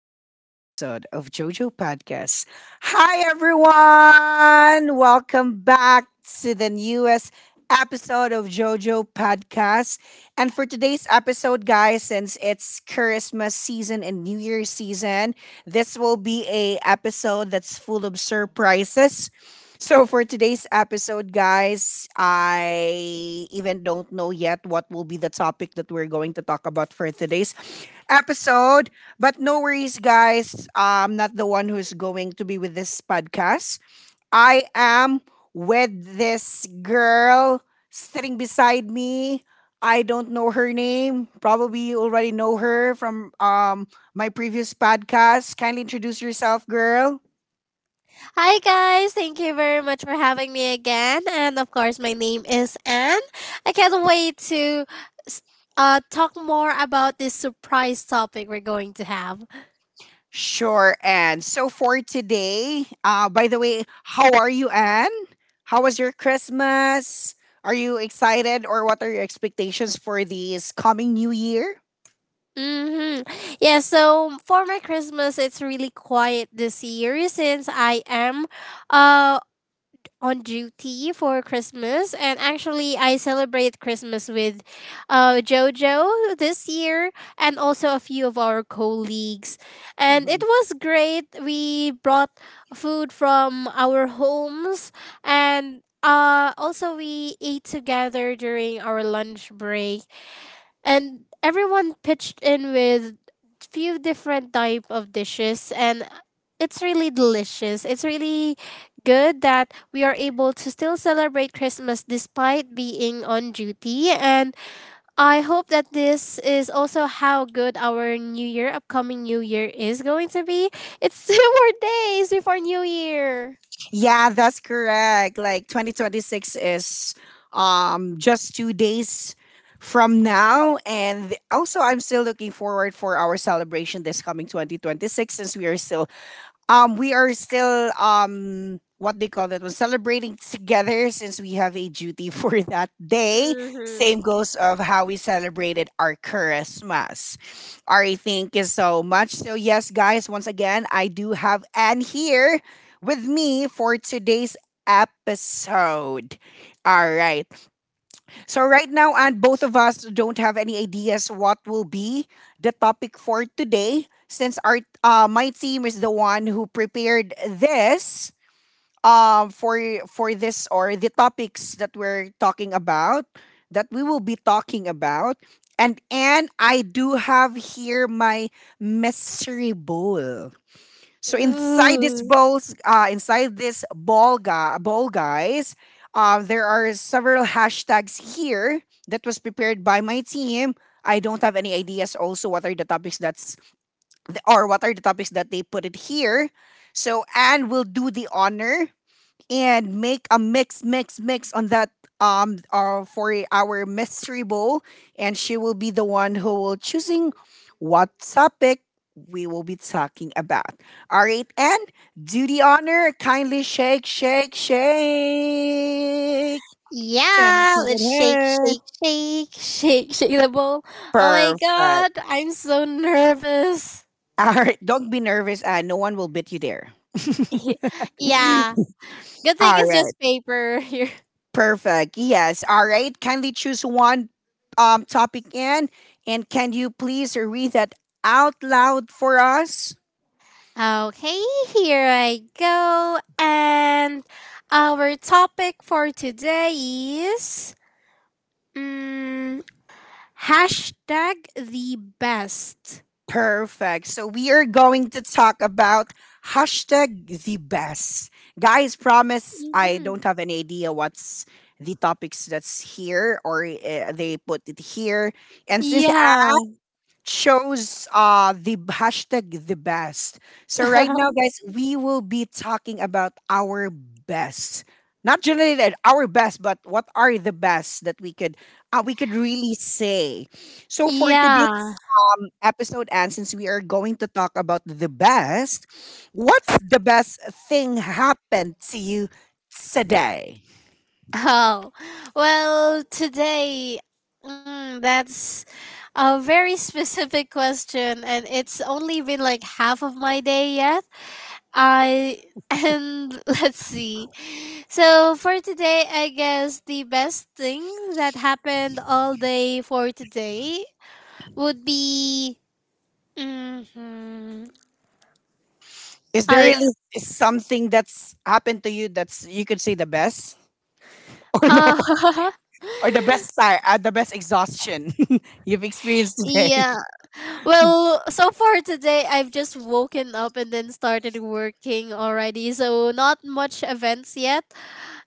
to the newest episode of JoJo Podcast. Hi, everyone. Welcome back to the newest episode of JoJo Podcast. And for today's episode, guys, since it's Christmas season and New Year's season, this will be a episode that's full of surprises, so for today's episode, guys, I even don't know yet what will be the topic that we're going to talk about for today's episode. But no worries, guys. I'm not the one who's going to be with this podcast. I am with this girl sitting beside me. I don't know her name. Probably you already know her from my previous podcast. Kindly introduce yourself, girl. Hi guys, thank you very much for having me again. And of course, my name is Anne. I can't wait to s- talk more about this surprise topic we're going to have. Sure, Anne. So for today, by the way, how are you, Anne? How was your Christmas? Are you excited or what are your expectations for this coming new year? Mm-hmm. Yeah, so for my Christmas, it's really quiet this year since I am uh on duty for Christmas, and actually, I celebrate Christmas with JoJo this year and also a few of our colleagues. And it Mhm. was great. We brought food from our homes, and also we ate together during our lunch break, and everyone pitched in with few different type of dishes, and it's really delicious. It's really good that we are able to still celebrate Christmas despite being on duty. And I hope that this is also how good our new year upcoming new year is going to be. It's two more days before new year. Yeah, that's correct. Like 2026 is just 2 days from now, and also I'm still looking forward for our celebration this coming 2026, since we are still what they call that one, celebrating together since we have a duty for that day. Mm-hmm. Same goes of how we celebrated our Christmas. Ari, thank you so much. So yes, guys, once again, I do have Anne here with me for today's episode. All right. So right now, and both of us don't have any ideas what will be the topic for today, since our my team is the one who prepared this um for for this, or the topics that we're talking about, that we will be talking about. And I do have here my mystery bowl. So inside this Ooh. bowls, inside this ball, gu- ball guys, there are several hashtags here that was prepared by my team. I don't have any ideas also what are the topics that's or what are the topics that they put it here. So Anne will do the honor and make a mix, mix, mix on that for our mystery bowl, and she will be the one who will choosing what topic we will be talking about. All right, and do the honor, kindly shake, shake, shake. Shake Yeah, it, let's shake, hey. shake, shake, shake, shake the bowl. Oh my Perfect. god, I'm so nervous. All right, don't be nervous. No one will beat you there. Yeah, good thing All it's right. just paper here. Perfect. Yes. All right. Kindly choose one topic in, and can you please read that out loud for us? Okay, here I go. And our topic for today is, mm, hashtag the best. Perfect. So we are going to talk about hashtag the best. Guys, promise I hmm don't have any idea what's the topics that's here, or they put it here. And since Yeah, chose the hashtag the best. So right now, guys, we will be talking about our best. Not generated our best, but what are the best that we could really say. So for today's yeah. Episode, and since we are going to talk about the best, what's the best thing happened to you today? Oh, well, today, that's a very specific question, and it's only been like half of my day yet. I and Let's see. So, for today, I guess the best thing that happened all day for today would be. Hmm Is there I really something that's happened to you that's you could say the best or no? uh, Or the best tire, the best exhaustion you've experienced today. yeah. Well, so far today, I've just woken up and then started working already, so not much events yet.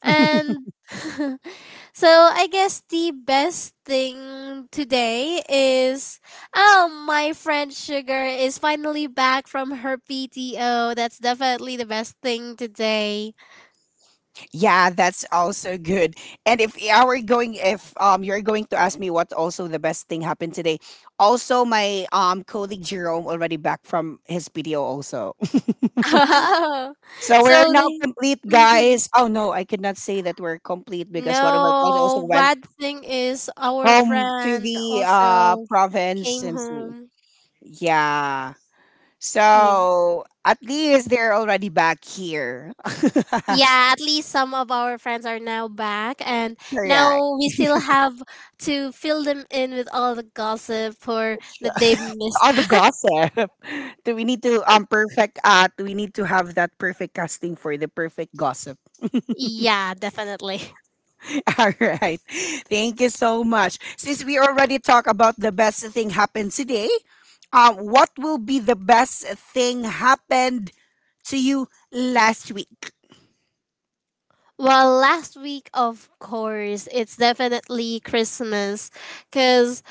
And so I guess the best thing today is, oh, my friend Sugar is finally back from her PTO. That's definitely the best thing today. Yeah, that's also good. And if I were going, if you're going to ask me what also the best thing happened today, also my colleague Jerome already back from his PDO also. Oh, So we're so now they. complete, Mhm. guys. Oh no, I could not say that we're complete because one of our colleagues also No, went bad thing is our home to friend the also province came and home. yeah. Yeah. So at least they're already back here. Yeah, at least some of our friends are now back, and Correct. now we still have to fill them in with all the gossip for that they've Yes, missed. all the gossip. Do we need to perfect do we need to have that perfect casting for the perfect gossip? Yeah, definitely. All right. Thank you so much. Since we already talked about the best thing happened today, what will be the best thing happened to you last week? Well, last week, of course, it's definitely Christmas because,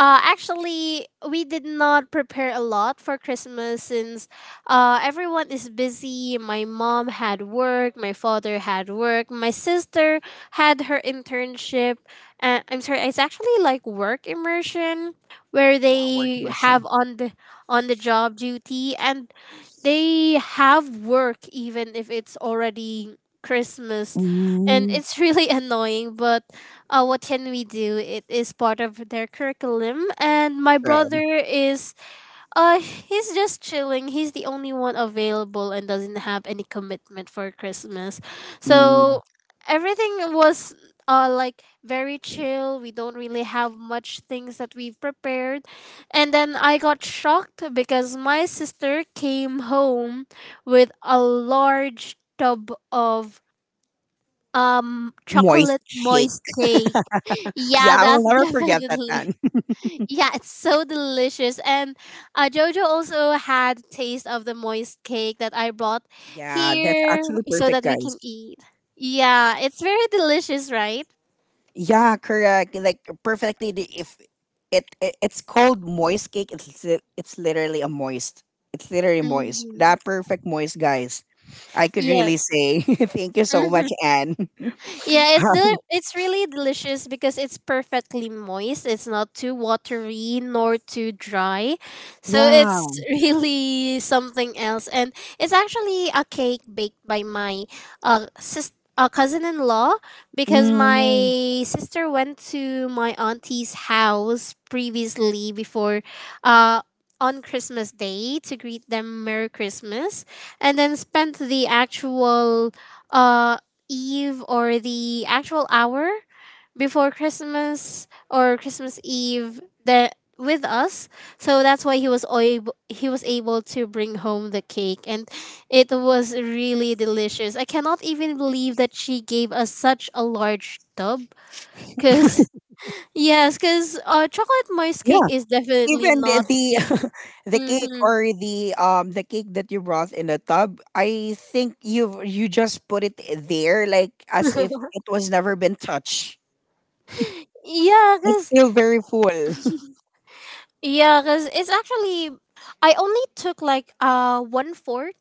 uh, actually, we did not prepare a lot for Christmas since, everyone is busy. My mom had work, my father had work, my sister had her internship. And I'm sorry, it's actually like work immersion where Yeah, work they immersion. have on the job duty, and they have work even if it's already Christmas. And Mm, it's really annoying, but what can we do? It is part of their curriculum. And my brother true. is, he's just chilling. He's the only one available and doesn't have any commitment for Christmas. Mm, So everything was. Like very chill, we don't really have much things that we've prepared, and then I got shocked because my sister came home with a large tub of moist chocolate shake. moist cake. Yeah, Yeah, I will that's never forget that, definitely. man. Yeah, it's so delicious. And Jojo also had taste of the moist cake that I brought Yeah, that's here actually so perfect, that we guys. can eat. Yeah, it's very delicious, right? Yeah, correct. Like perfectly. If it's called moist cake, it's literally a moist. It's literally moist. That hmm perfect moist, guys. I could really Yes. say. Thank you so much, Anne. Yeah, it's really delicious because it's perfectly moist. It's not too watery nor too dry. So it's Yeah. really something else. And it's actually a cake baked by my cousin-in-law because Mm, my sister went to my auntie's house previously before, uh on Christmas Day, to greet them Merry Christmas, and then spent the actual uh Eve, or the actual hour before Christmas, or Christmas Eve, that with us. So that's why he was able to bring home the cake, and it was really delicious. I cannot even believe that she gave us such a large tub, cuz yes, cuz chocolate moist cake yeah. is definitely Even not cheap. the cake, Mhm. or the cake that you brought in the tub, I think you just put it there like as if it was never been touched. yeah, It's cuz still very full. yeah, cuz it's actually, I only took like one fourth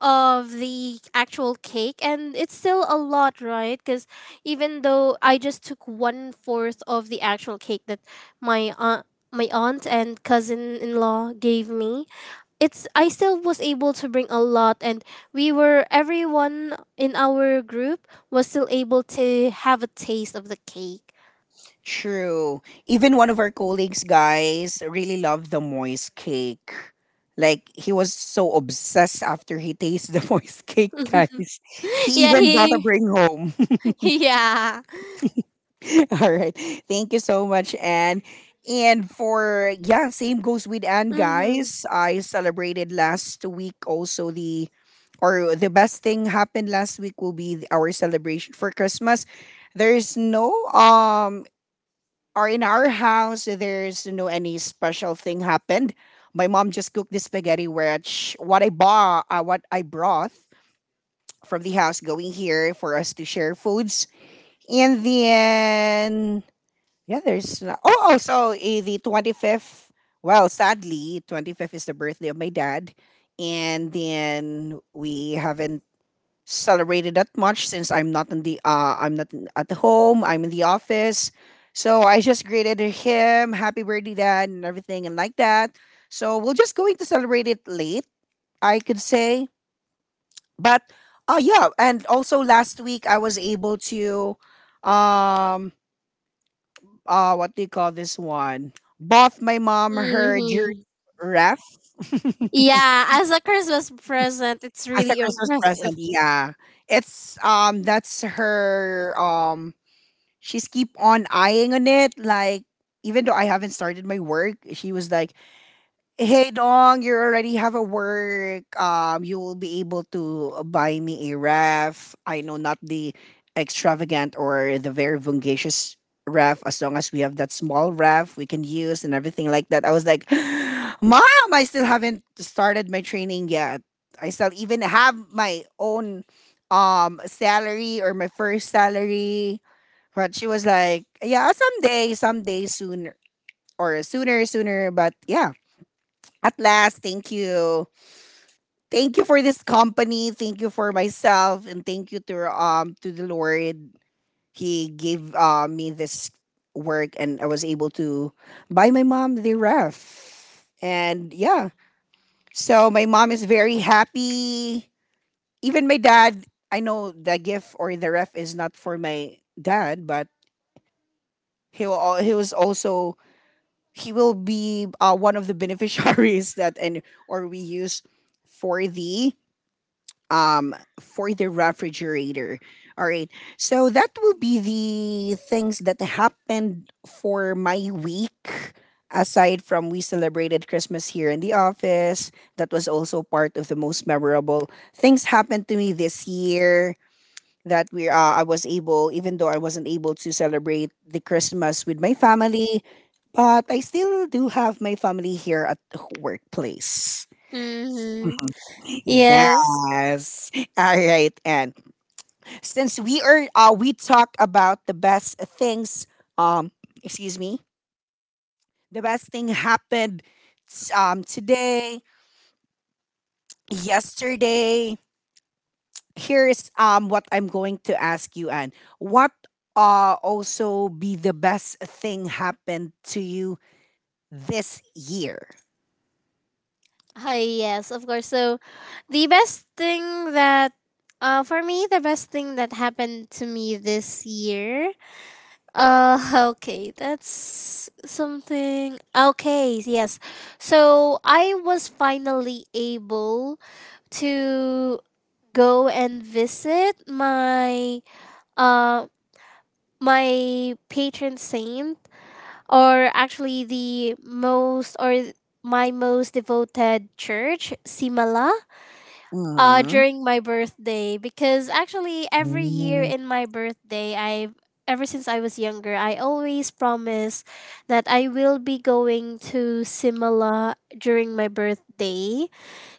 of the actual cake, and it's still a lot, right? Because even though I just took one fourth of the actual cake that my aunt my aunt and cousin-in-law gave me, it's, I still was able to bring a lot, and we were, everyone in our group was still able to have a taste of the cake. True. Even one of our colleagues, guys, really loved the moist cake. Like he was so obsessed after he tasted the moist cake, guys. He yeah even bought a he bring home. yeah. All right. Thank you so much, Anne. And for yeah, same goes with Anne, Mm-hmm. guys. I celebrated last week also the or the best thing happened last week will be our celebration for Christmas. There's no or in our house, so there's no any special thing happened. My mom just cooked the spaghetti, which what I bought, what I brought from the house going here for us to share foods. And then, yeah, there's, oh, oh, so the 25th, well, sadly, 25th is the birthday of my dad. And then we haven't celebrated that much since I'm not in the I'm not in- at the home. I'm in the office, so I just greeted him, "Happy birthday, Dad," and everything, and like that. So we're just going to celebrate it late, I could say. But yeah, and also last week I was able to, um, what do you call this one? Bought my mom her jewelry Mm-hmm. ref Yeah, as a Christmas present, it's as a really Christmas present. impressive. Yeah, it's that's her she's keep on eyeing on it, like even though I haven't started my work, she was like, "Hey dong, you already have a work, you will be able to buy me a ref. I know, not the extravagant or the very vungacious ref, as long as we have that small ref we can use," and everything like that. I was like, "Mom, I still haven't started my training yet. I still even have my own salary, or my first salary." But she was like, "Yeah, someday, someday sooner, or sooner, sooner." But yeah, at last, thank you. Thank you for this company. Thank you for myself. And thank you to the Lord. He gave me this work, and I was able to buy my mom the ref. And yeah. So my mom is very happy. Even my dad, I know the gift or the ref is not for my dad, but he was also he will be one of the beneficiaries that and or we use for the for the refrigerator. All right, so that will be the things that happened for my week, aside from we celebrated Christmas here in the office. That was also part of the most memorable things happened to me this year, that we I was able, even though I wasn't able to celebrate the Christmas with my family, but I still do have my family here at the workplace. Mm-hmm. Yes. Yes. All right. And since we are we talk about the best things, um excuse me, the best thing happened today, yesterday. Here's what I'm going to ask you, Anne. What also be the best thing happened to you this year. Hi, yes, of course. So, the best thing that, for me, the best thing that happened to me this year, uh, okay, that's something. Okay, yes. So, I was finally able to go and visit my, uh, my patron saint, or actually the most or th- my most devoted church, Simala, Mhm. during my birthday. Because actually, every year in my birthday, I've ever since I was younger, I always promise that I will be going to Simala during my birthday.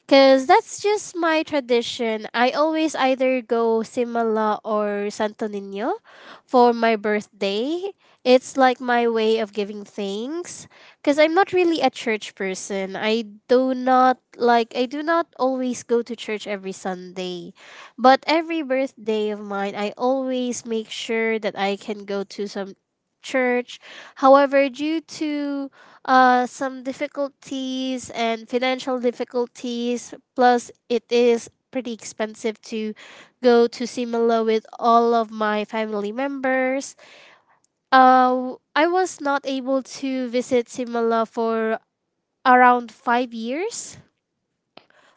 Cause that's just my tradition. I always either go Simala or Santo Nino for my birthday. It's like my way of giving thanks. Cause I'm not really a church person. I do not always go to church every Sunday. But every birthday of mine, I always make sure that I can go to some church. However, due to some difficulties and financial difficulties. Plus, it is pretty expensive to go to Simla with all of my family members. I was not able to visit Simla for around 5 years,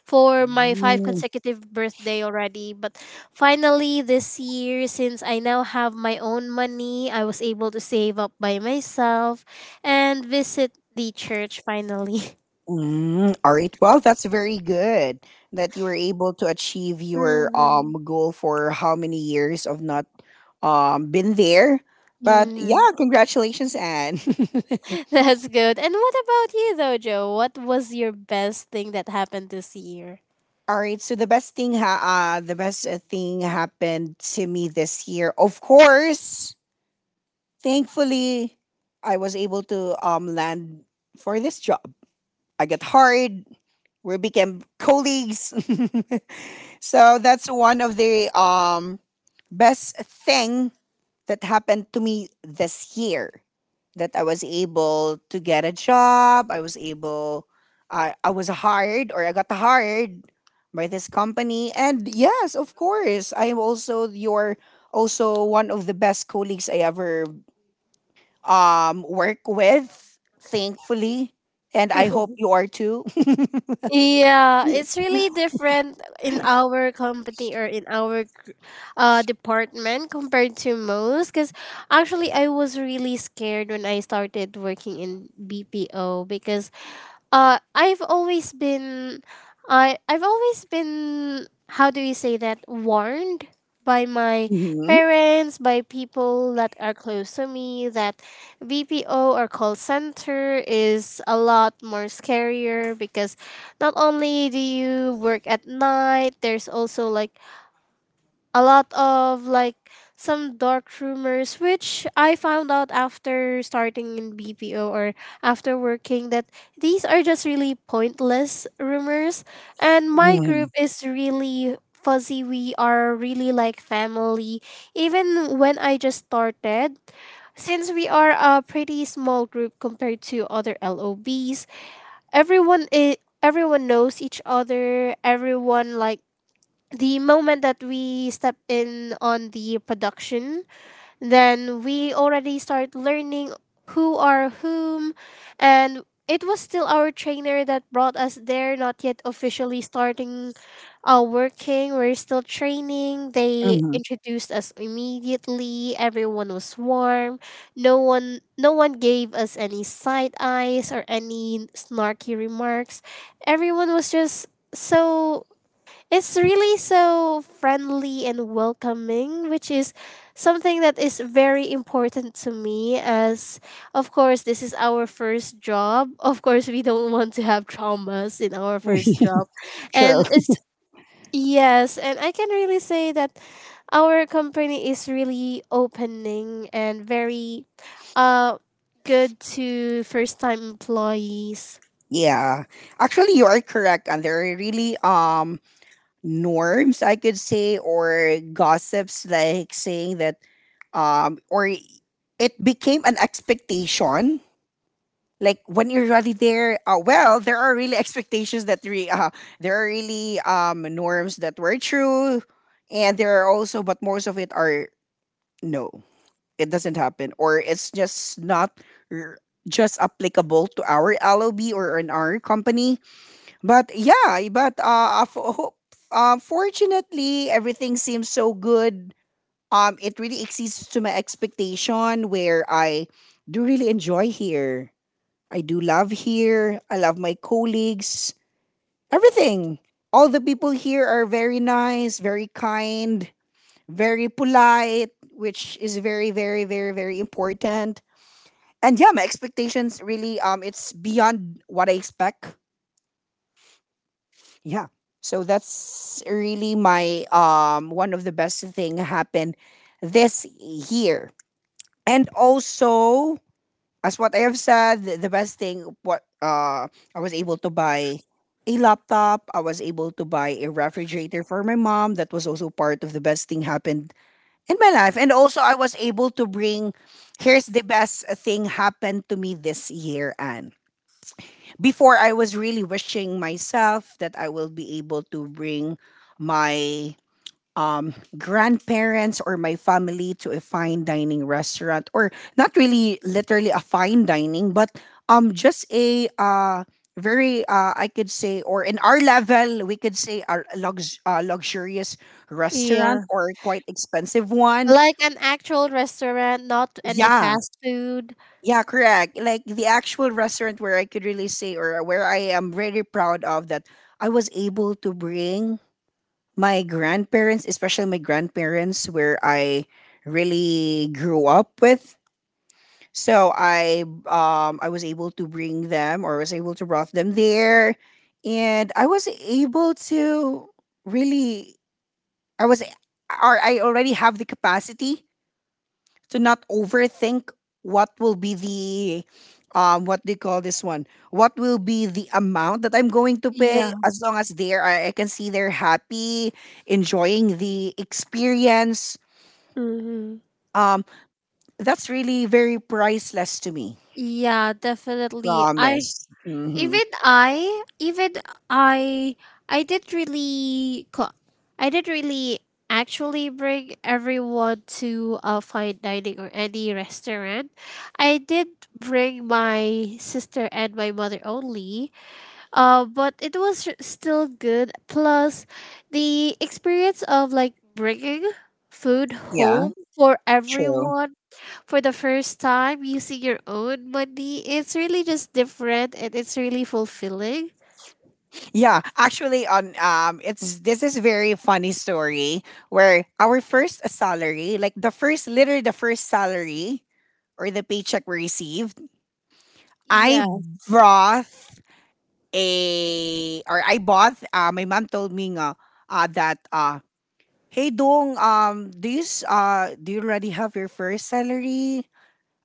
for my five Mm. consecutive birthday already, but finally this year, since I now have my own money, I was able to save up by myself and visit the church finally. Mm, all right. Well, that's very good that you were able to achieve your Mhm, goal for how many years of not been there. But mhm. yeah, congratulations, Anne. That's good. And what about you though, Joe? What was your best thing that happened this year? All right. So the best thing, the best thing happened to me this year. Of course, thankfully, I was able to land for this job. I got hired. We became colleagues. So that's one of the best thing that happened to me this year, that I was able to get a job. I was able I was hired, or I got hired by this company. And yes, of course, I am also your also one of the best colleagues I ever work with, thankfully, and I hope you are too. Yeah, it's really different in our company, or in our department, compared to most. Because actually, I was really scared when I started working in BPO because uh I've always been I've always been, how do you say that, warned by my Mm-hmm. parents, by people that are close to me, that BPO or call center is a lot more scarier because not only do you work at night, there's also like a lot of like some dark rumors, which I found out after starting in BPO, or after working, that these are just really pointless rumors. And my Mm-hmm. group is really fuzzy, we are really like family, even when I just started, since we are a pretty small group compared to other LOBs. Everyone is, everyone knows each other, everyone like, the moment that we step in on the production, then we already start learning who are whom, and it was still our trainer that brought us there, not yet officially starting working. We're still training. They Mm-hmm. introduced us immediately. Everyone was warm. No one gave us any side eyes or any snarky remarks. Everyone was just so, it's really so friendly and welcoming, which is something that is very important to me. As of course, this is our first job. Of course, we don't want to have traumas in our first job, and it's, yes. And I can really say that our company is really opening and very, uh, good to first time employees. Yeah, actually, you are correct, and there are really norms I could say, or gossips like saying that or it became an expectation. Like when you're already there, well, there are really expectations that there are really norms that were true, and there are also, but most of it are no, it doesn't happen, or it's just not r- just applicable to our LOB or in our company. But yeah, but fortunately, everything seems so good. It really exceeds to my expectation. Where I do really enjoy here. I do love here. I love my colleagues. Everything. All the people here are very nice, very kind, very polite, which is very, very, very, very important. And yeah, my expectations really it's beyond what I expect. Yeah, so that's really my one of the best thing happened this year. And also, as what I have said, the best thing, what I was able to buy a laptop, I was able to buy a refrigerator for my mom. That was also part of the best thing happened in my life. And also I was able to bring, here's the best thing happened to me this year. And before, I was really wishing myself that I will be able to bring my grandparents or my family to a fine dining restaurant, or not really literally a fine dining, but just a very I could say, or in our level, we could say a luxurious restaurant Yeah. or quite expensive one. Like an actual restaurant, not any Yeah, fast food. Yeah, correct. Like the actual restaurant where I could really say or where I am really proud of that I was able to bring my grandparents, especially my grandparents where I really grew up with. So I was able to bring them or was able to brought them there, and I was able to really, I was or I already have the capacity to not overthink what will be the, what do you call this one, what will be the amount that I'm going to pay, Yeah. as long as they're I can see they're happy, enjoying the experience. Mm-hmm. um that's really very priceless to me, Yeah, definitely. I promise. Mm-hmm. even I even I I did really co- I Did really actually bring everyone to a fine dining or any restaurant. I did bring my sister and my mother only. But it was still good. Plus, the experience of like bringing food Yeah, home for true. everyone for the first time using your own money, it's really just different and it's really fulfilling. Yeah, actually, on it's this is very funny story where our first salary, like the first, literally the first salary or the paycheck we receive, I Yeah. brought a or I bought, my mom told me nga, that hey Dong, do do you already have your first salary?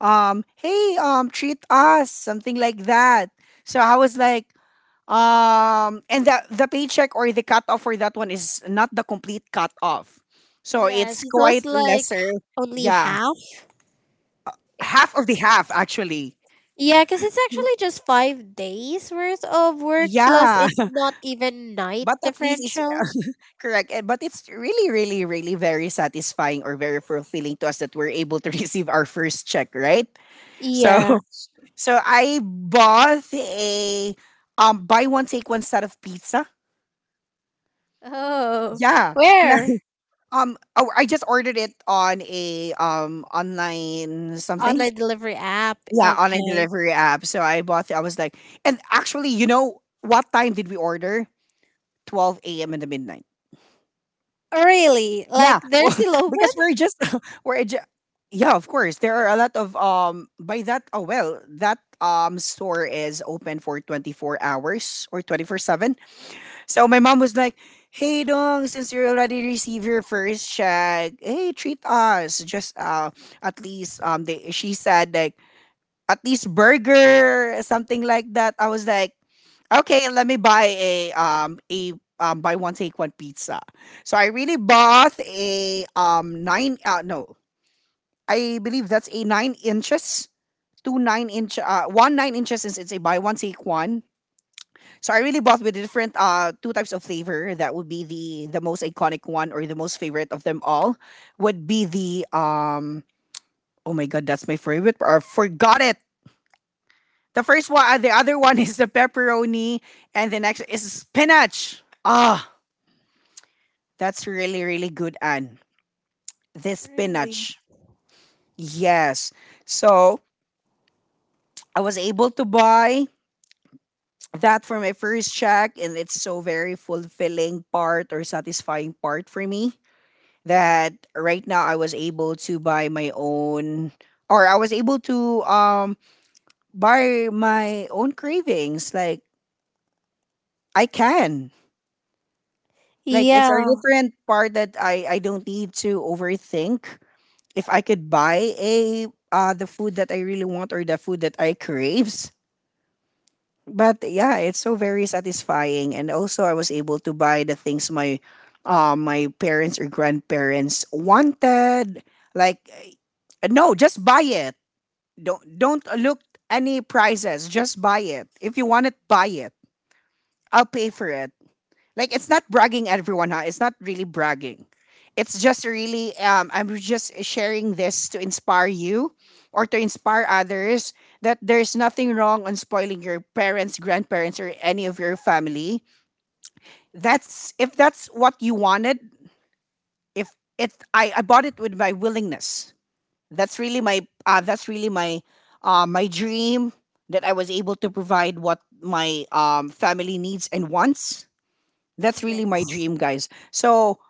Hey, treat us, something like that. So I was like, and the paycheck or the cutoff for that one is not the complete cutoff. So Yes, it's it quite was like lesser. only Yeah. half. Half of the half actually. Yeah, because it's actually just 5 days worth of work, plus Yeah. it's not even night But at least it's differential. correct. And But it's really, really, really very satisfying or very fulfilling to us that we're able to receive our first check, right? So, Yeah. so I bought a buy one take one set of pizza. Oh, Yeah. La- where? Oh, I just ordered it on a online something. Online delivery app. Yeah, online Okay. delivery app. So I bought it. I was like, and actually, you know what time did we order? 12 a.m. in the midnight. Really? Like Yeah, they're well, still because open? we're just, we're ju- yeah, of course. There are a lot of by that, oh well, that store is open for 24 hours or 24/7. So my mom was like, "Hey Dong, since you already received your first check, hey, treat us just at least, they she said like at least burger," something like that. I was like, okay, let me buy a buy one take one pizza. So I really bought a nine no, I believe that's a 9 inches, two nine inch 1 9 inches, since it's a buy one take one. So I really bought with different two types of flavor. That would be the most iconic one, or the most favorite of them all would be the, oh my god, that's my favorite. I forgot it. The first one, the other one is the pepperoni, and the next is spinach. Ah, that's really, really good, Anne. The Really? spinach. Yes. So I was able to buy that for my first check, and it's so very fulfilling part or satisfying part for me that right now I was able to buy my own, or I was able to buy my own cravings. Like I can. Like it's a Yeah. different part that I don't need to overthink if I could buy a the food that I really want or the food that I craves. But yeah, it's so very satisfying, and also I was able to buy the things my my parents or grandparents wanted. Like, no, just buy it. Don't look any prices, just buy it. If you want it, buy it. I'll pay for it. Like it's not bragging everyone, huh? It's not really bragging. It's just really, I'm just sharing this to inspire you or to inspire others that there's nothing wrong on spoiling your parents, grandparents, or any of your family. That's, if that's what you wanted, if it, I bought it with my willingness. That's really my my dream, that I was able to provide what my family needs and wants. That's Yeah. really my dream, guys. So,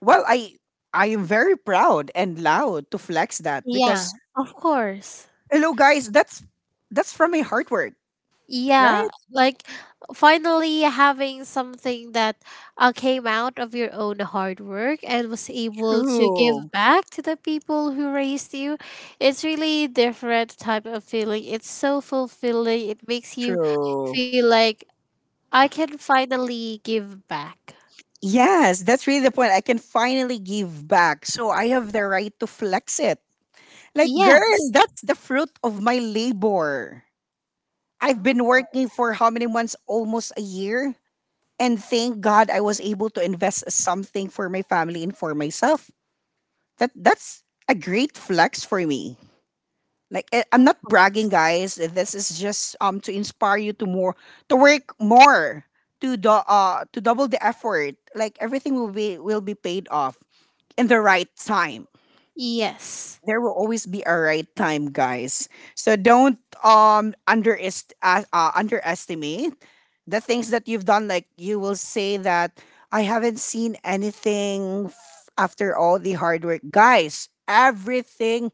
well, I am very proud and loud to flex that, Yeah, because of course. hello guys, that's from my hard work, right? Yeah, like finally having something that came out of your own hard work and was able to give True. back to the people who raised you. It's really different type of feeling. It's so fulfilling. It makes you True. feel like I can finally give back. Yes, that's really the point. I can finally give back. So I have the right to flex it. Like, Yeah, girl, that's the fruit of my labor. I've of been working course, for how many months? Almost a year. And thank God I was able to invest something for my family and for myself. That's a great flex for me. Like eh, I'm of not course. bragging, guys. This is just to inspire you to more, to work more, to do, to double the effort. Like everything will be paid off in the right time. Yes. There will always be a right time, guys. So don't, underestimate the things that you've done. Like you will say that I haven't seen anything after all the hard work, guys. Everything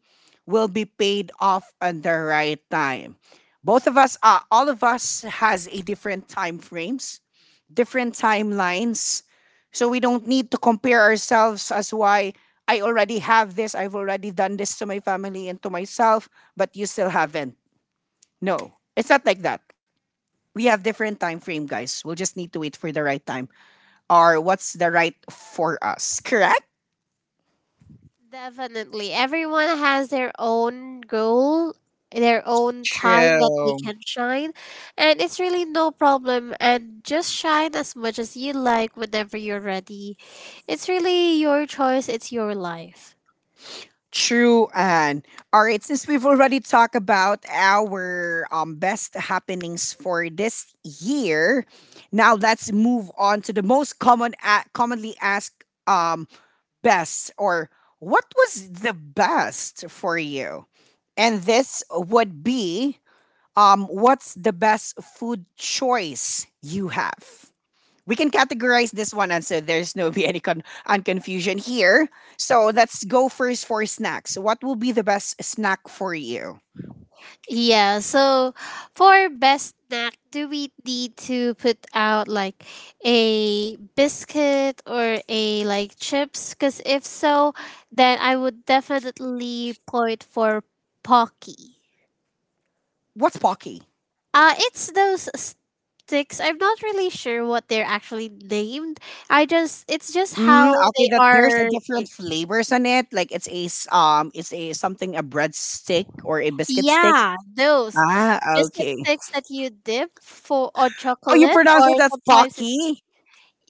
will be paid off at the right time. Both of us, all of us, has a different time frames, different timelines. So we don't need to compare ourselves as why, I already have this, I've already done this to my family and to myself, but you still haven't. No, it's not like that. We have different time frame, guys. We'll just need to wait for the right time, or what's the right for us, correct? Definitely. Everyone has their own goal, their own time that they True. can shine. And it's really no problem. And just shine as much as you like whenever you're ready. It's really your choice, it's your life. True, and all right. Since we've already talked about our best happenings for this year, now let's move on to the most common, commonly asked, best or what was the best for you? And this would be, what's the best food choice you have? We can categorize this one, and so there's no be any con- and confusion here. So let's go first for snacks. What will be the best snack for you? Yeah, so for best snack, do we need to put out like a biscuit or a like chips? Because if so, then I would definitely point for Pocky. What's Pocky? It's those sticks. I'm not really sure what they're actually named. I just, it's just Mm, how okay, they that there's a are. different flavors on it. Like it's it's a something, a bread stick or a biscuit stick. Yeah, those Ah, biscuit okay. sticks that you dip for on Oh, you chocolate, pronounce or it as sometimes it's, Pocky?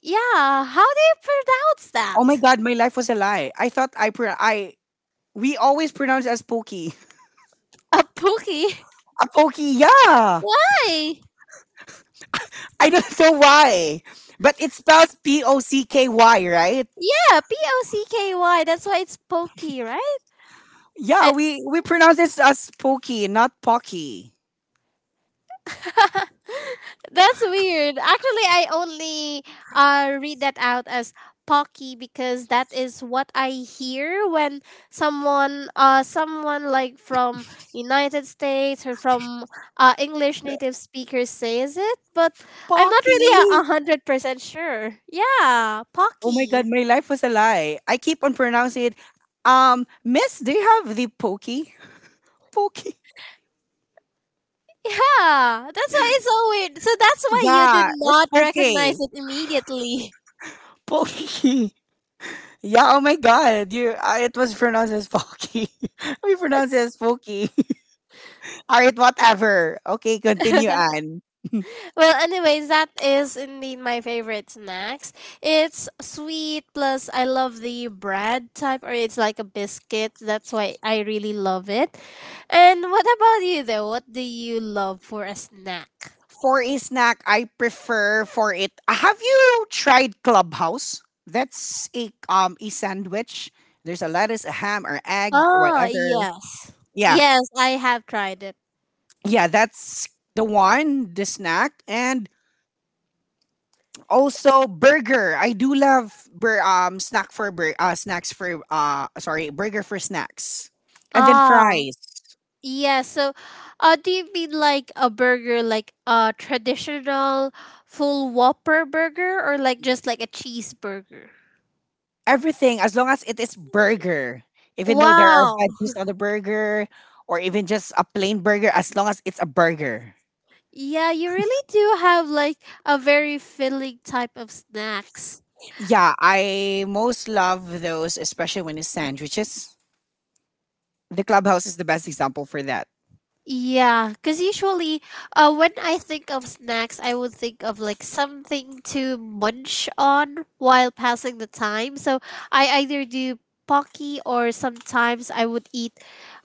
yeah. How do you pronounce Oh my that? God, my life was a lie. I thought I pro- I we always pronounce it as Pokey. A pookie? A Pokey, yeah. Why? I don't know why, but it spells Pocky, right? Yeah, Pocky. That's why it's pokey, right? Yeah, I- we pronounce it as pokey, not pocky. That's weird. Actually, I only read that out as Pocky because that is what I hear when someone like from United States or from English native speakers says it, but I'm not really a Pocky. a hundred percent sure. Yeah, Oh my Pocky. god, my life was a lie. I keep on pronouncing it. Miss, do you have the pokey? Pokey. Yeah, that's why it's so weird. So that's why you did Yeah, it's not recognize pokey. it immediately. Pokey. Yeah. Oh my god, you. It was pronounced as pokey. We pronounce it as pokey. All right, whatever. Okay, continue on. Well, anyways, that is indeed my favorite snacks. It's sweet plus I love the bread type or it's like a biscuit. That's why I really love it. And what about you though? What do you love for a snack? For a snack, I prefer for it. Have you tried Clubhouse? That's a sandwich. There's a lettuce, a ham, or egg, Ah, whatever. yes. Yeah, Yes, I have tried it. yeah, that's the one, the snack, and also burger. I do love bur- snack for bur- snacks for sorry burger for snacks, and then Ah, fries. yeah. So, do you mean like a burger, like a traditional full Whopper burger, or like just like a cheeseburger? Everything, as long as it is burger. Even though there are Wow, veggies on the burger, or even just a plain burger, as long as it's a burger. yeah, you really do have like a very filling type of snacks. Yeah, I most love those, especially when it's sandwiches. The clubhouse is the best example for that. Yeah, because usually when I think of snacks, I would think of like something to munch on while passing the time. So I either do Pocky or sometimes I would eat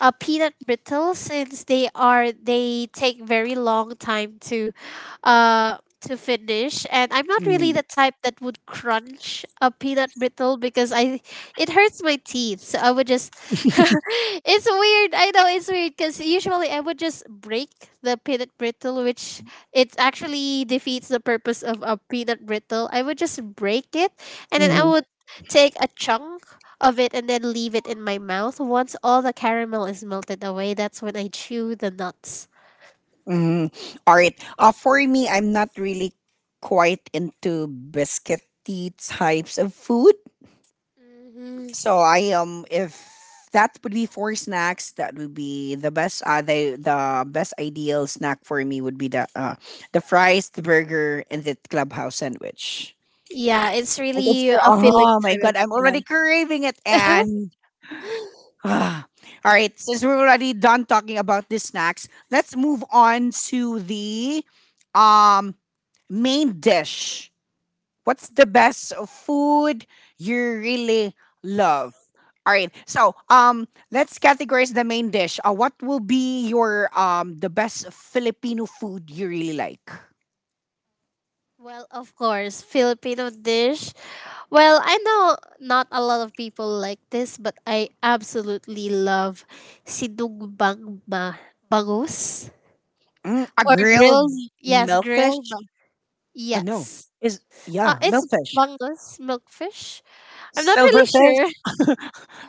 peanut brittle since they take very long time to finish, and I'm not really Mm, the type that would crunch a peanut brittle because I it hurts my teeth. So I would just it's weird. I know it's weird because usually I would just break the peanut brittle, which it actually defeats the purpose of a peanut brittle. I would just break it and then I mhm, would take a chunk of it and then leave it in my mouth. Once all the caramel is melted away, that's when I chew the nuts. mhm. All right. For me, I'm not really quite into biscuity types of food. Mhm. So I, if that would be four snacks, that would be the best, the best ideal snack for me would be the fries, the burger, and the clubhouse sandwich. Yeah, it's Like it's, really a filling oh my type god, of I'm already craving it. nut. And all right, since we're already done talking about the snacks, let's move on to the, um main dish. What's the best food you really love? All right. So, let's categorize the main dish. What will be your the best Filipino food you really like? Well, of course, Filipino dish. Well, I know not a lot of people like this, but I absolutely love sinugbang bangus Mm, a or grilled grilled. Yes, milkfish? grilled. No. Yes, Is yeah, it's milkfish. bangus milkfish. I'm not really sure. Silverfish.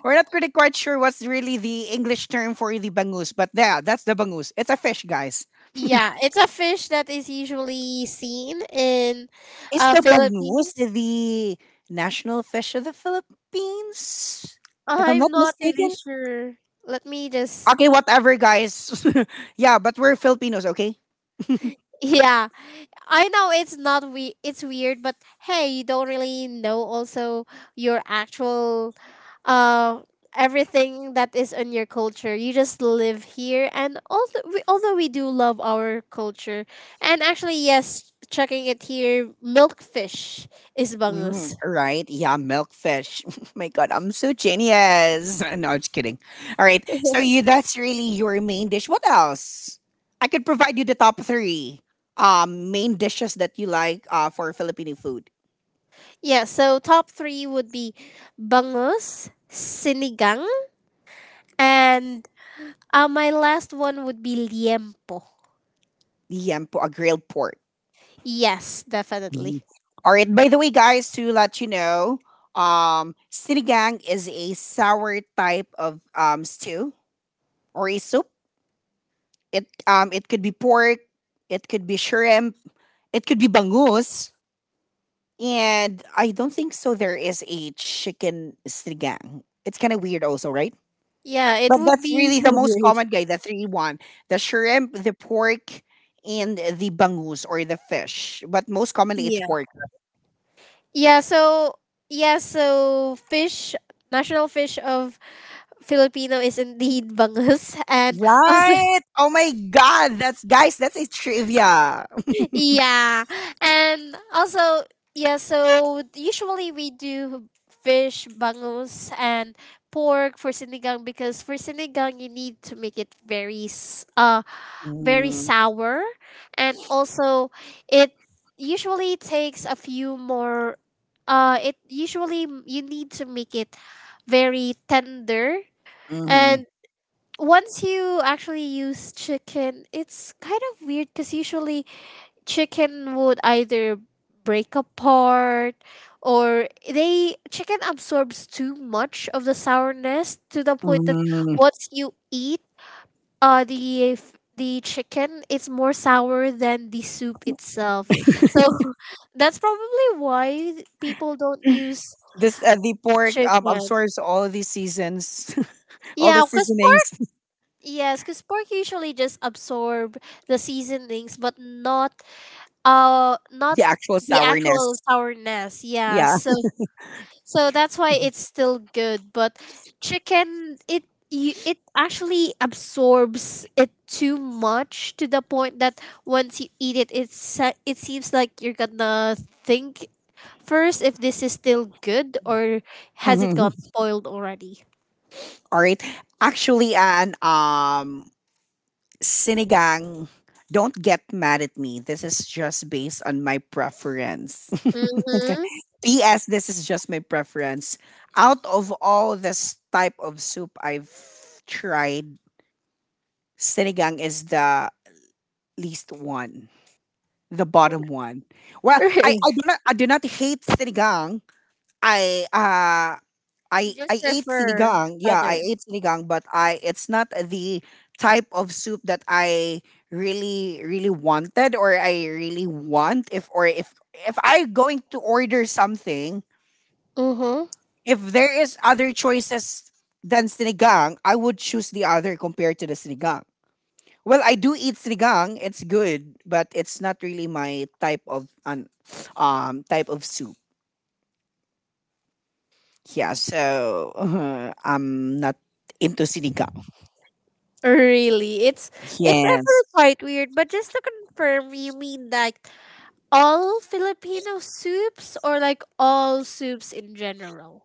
We're not pretty quite sure what's really the English term for the bangus, but yeah, that's the bangus. It's a fish, guys. Yeah, it's a fish that is usually seen in Is the bangus Philippines. the national fish of the Philippines? If I'm I'm not not really mistaken. sure. Let me just. Okay, whatever, guys. yeah, but we're Filipinos, okay? Yeah, I know it's not, we, it's weird, but hey, you don't really know also your actual uh everything that is in your culture. You just live here, and although we do love our culture. And actually, yes, checking it here, milkfish is Mm, bangus. right? Yeah, milkfish. My God, I'm so genius. No, just kidding. All right. So you that's really your main dish. What else? I could provide you the top three main dishes that you like for Filipino food. Yeah, so top 3 would be bangus, sinigang, and my last one would be liempo. Yam po a grilled pork. Yes, definitely. Mhm. All right. By the way, guys, to let you know, sinigang is a sour type of stew or a soup. It it could be pork, it could be shrimp, it could be bangus. And I don't think so there is a chicken sinigang. It's kind of weird also, right? Yeah, it But would that's really be the most weird. common guy, the 3-1. The shrimp, the pork, and the bangus or the fish. But most commonly it's Yeah. pork. Yeah, so yeah, so fish, national fish of Filipino is indeed bangus, and also Right? Oh my god, that's guys, that's a trivia. yeah. And also yeah, so usually we do fish bangus and pork for sinigang, because for sinigang you need to make it very Mm, sour, and also it usually takes a few more it you need to make it very tender, mhm, and once you actually use chicken it's kind of weird, cuz usually chicken would either break apart or they chicken absorbs too much of the sourness to the point that mhm. once you eat the chicken is more sour than the soup itself. So that's probably why people don't use This the pork chicken. absorbs all the seasons, all the Yeah, cuz pork, seasonings, yes, cuz pork usually just absorb the seasonings but not not the actual the actual sourness. sourness. Yeah. Yeah. So, so that's why it's still good, but chicken, it, you, it actually absorbs it too much to the point that once you eat it it's it seems like you're gonna think first if this is still good or has it gone Mm-hmm. spoiled already. All right. Actually, an sinigang. Don't get mad at me. This is just based on my preference. Mhm. P.S. This is just my preference. Out of all this type of soup I've tried, sinigang is the least one, the bottom one. Well, I, I do not hate sinigang. I uh I You I just ate prefer sinigang. Yeah, I others. ate sinigang, but I it's not the type of soup that I really really wanted or I really want if I going to order something, Mm-hmm. if there is other choices than sinigang, I would choose the other compared to the sinigang. Well, I do eat sinigang. It's good, but it's not really my type of an type of soup. Yeah, so I'm not into sinigang. Really, it's Yes. actually quite weird. But just to confirm, you mean like all Filipino soups or like all soups in general?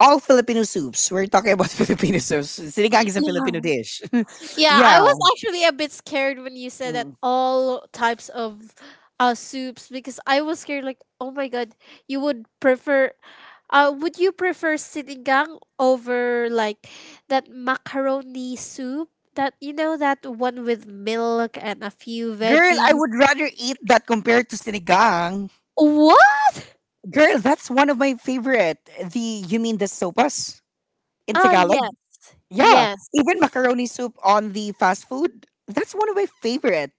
All Filipino soups. We're talking about Filipino soups. Sinigang is a Filipino Yeah. dish. Yeah, yeah. I was actually a bit scared when you said that Mm. all types of soups, because I was scared like, oh my god, you would prefer would you prefer sinigang over like that macaroni soup? That, you know, that one with milk and a few Girl, I veggies. would rather eat that compared to sinigang. What? Girl, that's one of my favorite. The you mean the sopas in Ah, Tagalog? yes. Yeah. Yes. Even macaroni soup on the fast food. That's one of my favorite.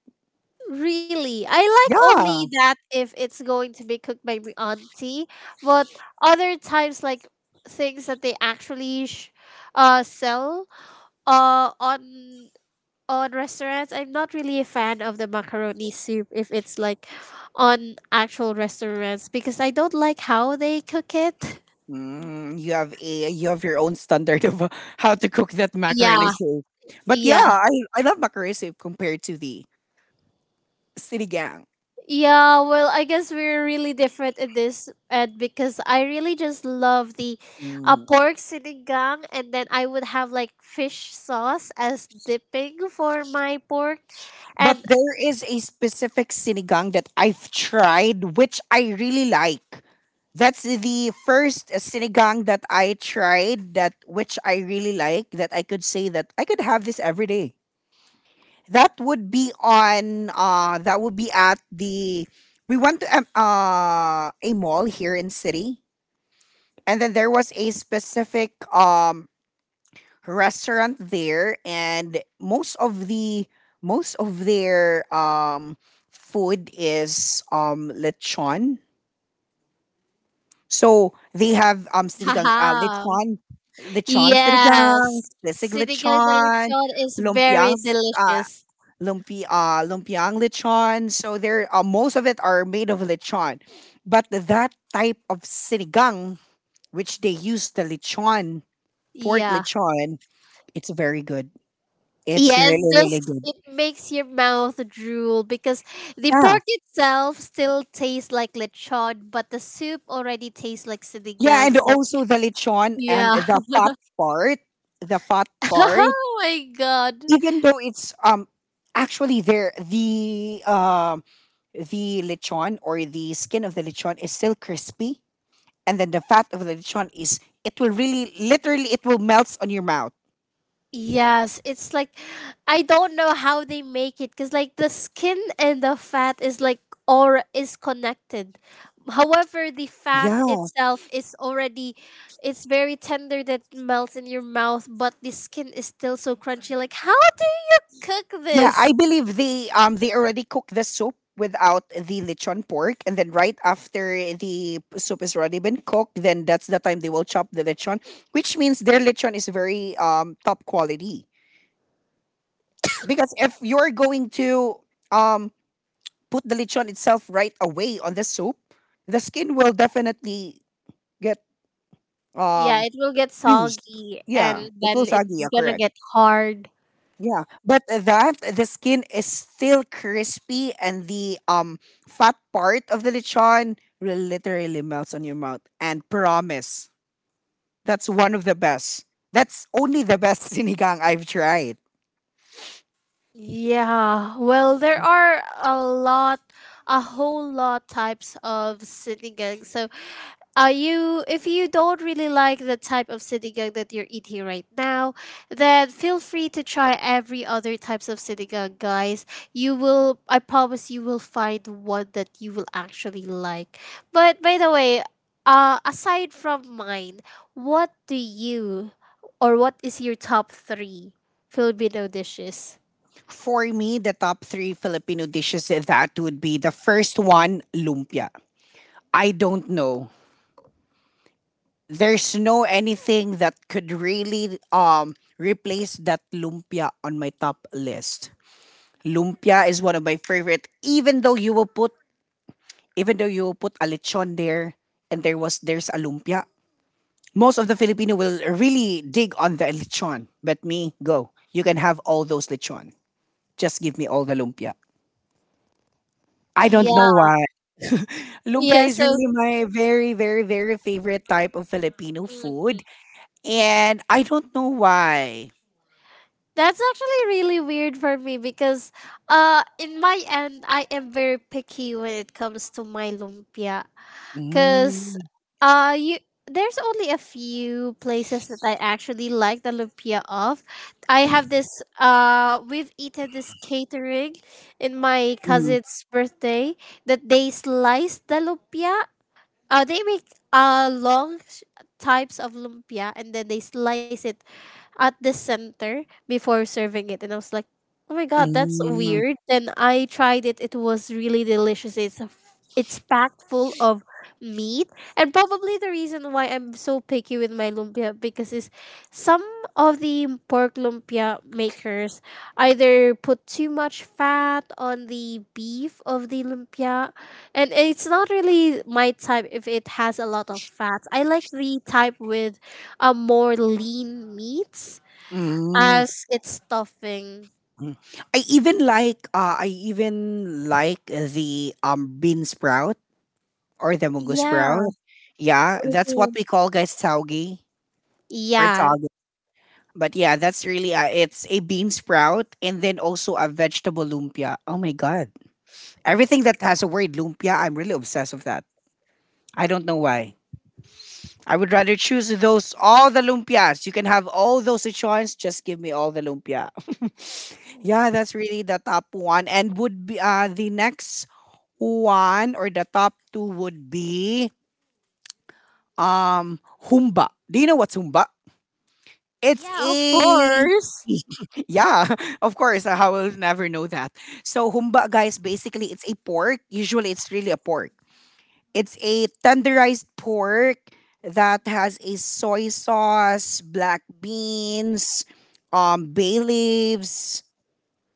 Really, I like Yeah. only that if it's going to be cooked by my auntie, but other times, like things that they actually sell on restaurants, I'm not really a fan of the macaroni soup if it's like on actual restaurants, because I don't like how they cook it. Mm, you have your own standard of how to cook that macaroni Yeah, soup. But yeah, yeah. I love macaroni soup compared to the sinigang. Yeah, well, I guess we're really different in this, and because I really just love the Mm-hmm. pork sinigang, and then I would have like fish sauce as dipping for my pork, But and there is a specific sinigang that I've tried, which I really like. That's the first sinigang that I tried that which I really like that I could say that I could have this every day. That would be on that would be at the we went to a mall here in city and then there was a specific restaurant there and most of their food is lechon. So they have sinigang haha, lechon lechon sinigang, yes, sisig sinigang na lechon, lechon is lumpiang very s- delicious. lumpi lumpiang lechon. So they're most of it are made of lechon. But that type of sinigang which they use the lechon, pork Yeah, lechon, it's very good. It's yeah, really, it's really just, good. it makes your mouth drool because the Yeah. pork itself still tastes like lechon, but the soup already tastes like Yeah. sinigang. And also the lechon and Yeah. Part, the fat part, oh my god. even though it's, actually there, the lechon or the skin of the lechon is still crispy. And then the fat of the lechon is, it will really, literally, it will melts on your mouth. Yes, it's like, I don't know how they make it, cuz like the skin and the fat is like or is connected. However, the fat Yeah. itself is already, it's very tender that it melts in your mouth, but the skin is still so crunchy. Like how do you cook Yeah, I this? believe they already cook the soup without the lechon pork, and then right after the soup is already been cooked, then that's the time they will chop the lechon, which means their lechon is very top quality. Because if you're going to um put the lechon itself right away on the soup, the skin will definitely get Yeah, um it will get used. soggy and Yeah, it then will saggy. it's Yeah, going to correct. get hard. Yeah, but that the skin is still crispy and the fat part of the lechon will literally melts on your mouth. And promise, that's one of the best. That's only the best sinigang I've tried. Yeah, well, there are a lot, a whole lot types of city gang. So, are you, if you don't really like the type of city gang that you're eating right now, then feel free to try every other types of city gang, guys. You will, I promise, you will find one that you will actually like. But by the way, aside from mine, what do you, or what is your top three Filipino dishes? For me, the top three Filipino dishes eh, that would be the first one, lumpia. I don't know. There's no anything that could really replace that lumpia on my top list. Lumpia is one of my favorite. Even though you will put a lechon there, and there's a lumpia. Most of the Filipino will really dig on the lechon, but me, go. You can have all those lechon. Just give me all the lumpia. I don't know why. Lumpia Yeah, is so really my very, very, very favorite type of Filipino hmm food, and I don't know why. that's actually really weird for me because in my end I am very picky when it comes to my lumpia, cuz Mm, you there's only a few places that I actually like the lumpia of. I have this we've eaten this catering in my mm, cousin's birthday that they slice the lumpia. They make long types of lumpia and then they slice it at the center before serving it. And I was like, oh my God, that's mm, mm. weird. Then I tried it. It was really delicious. It's packed full of meat, and probably the reason why I'm so picky with my lumpia because is some of the pork lumpia makers either put too much fat on the beef of the lumpia, and it's not really my type if it has a lot of fat. I like the type with a more lean meats mm. as its stuffing. Mm. I even like the bean sprout or the mungo Yeah. sprout. Yeah, that's what Mhm. we call guys taugi or Yeah. taugi. But yeah, that's really it's a bean sprout and then also a vegetable lumpia. Oh my god. Everything that has a word lumpia, I'm really obsessed with that. I don't know why. I would rather choose those all the lumpias. You can have all those choice, just give me all the lumpia. yeah, that's really the top one and would be the next one or the top two would be um humba. Do you know what's humba? It's Yeah, of a course. yeah, of course. I will never know that. So humba, guys, basically it's a pork. Usually it's really a pork. It's a tenderized pork that has a soy sauce, black beans, bay leaves.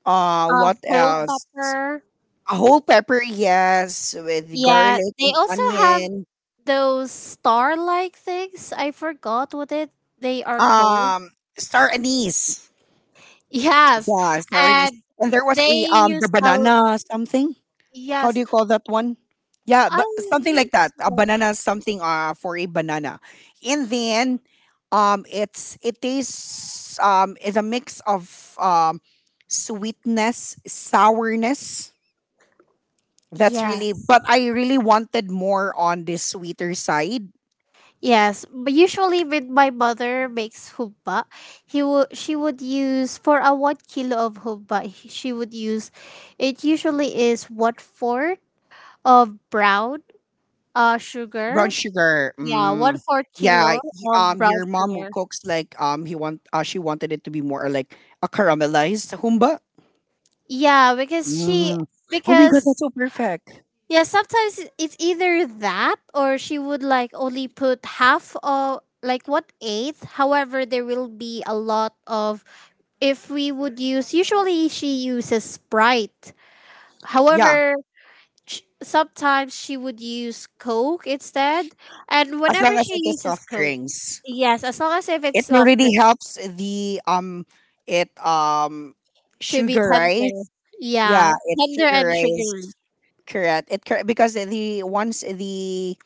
What Whole else? pepper. A whole pepper, yes, with Yeah, garlic they and also have onion. those star-like things. I forgot what it, they are called. Um, star anise. Yes, Yeah, star anise. and And there was they a the use a. banana something. How do Yes. you call that one? Yeah, but something I like that. A banana something for a banana. And then it tastes is a mix of sweetness, sourness. That's really Yes. but I really wanted more on the sweeter side. Yes, but usually when my mother makes hubba, he will she would use for a 1 kilo of hubba. She would use, it usually is 1/4 of brown Brown sugar. sugar. Yeah, one Mm. fourth Yeah, kilo y- of brown your mom will sugar. cooks like he want she wanted it to be more like a caramelized humba. Yeah, because she Mm. Oh my god, because that's so perfect. yeah sometimes it's either that, or she would like only put half of like what eighth. However, there will be a lot of, if we would use, usually she uses sprite, Yeah, however sometimes she would use coke instead, and as whenever long as she it is uses soft coke, drinks, yes as long as if it's it soft really drink helps the it to be sugarize. tender, Yeah, yeah it tender and sugarize sugary Correct. It correct because the once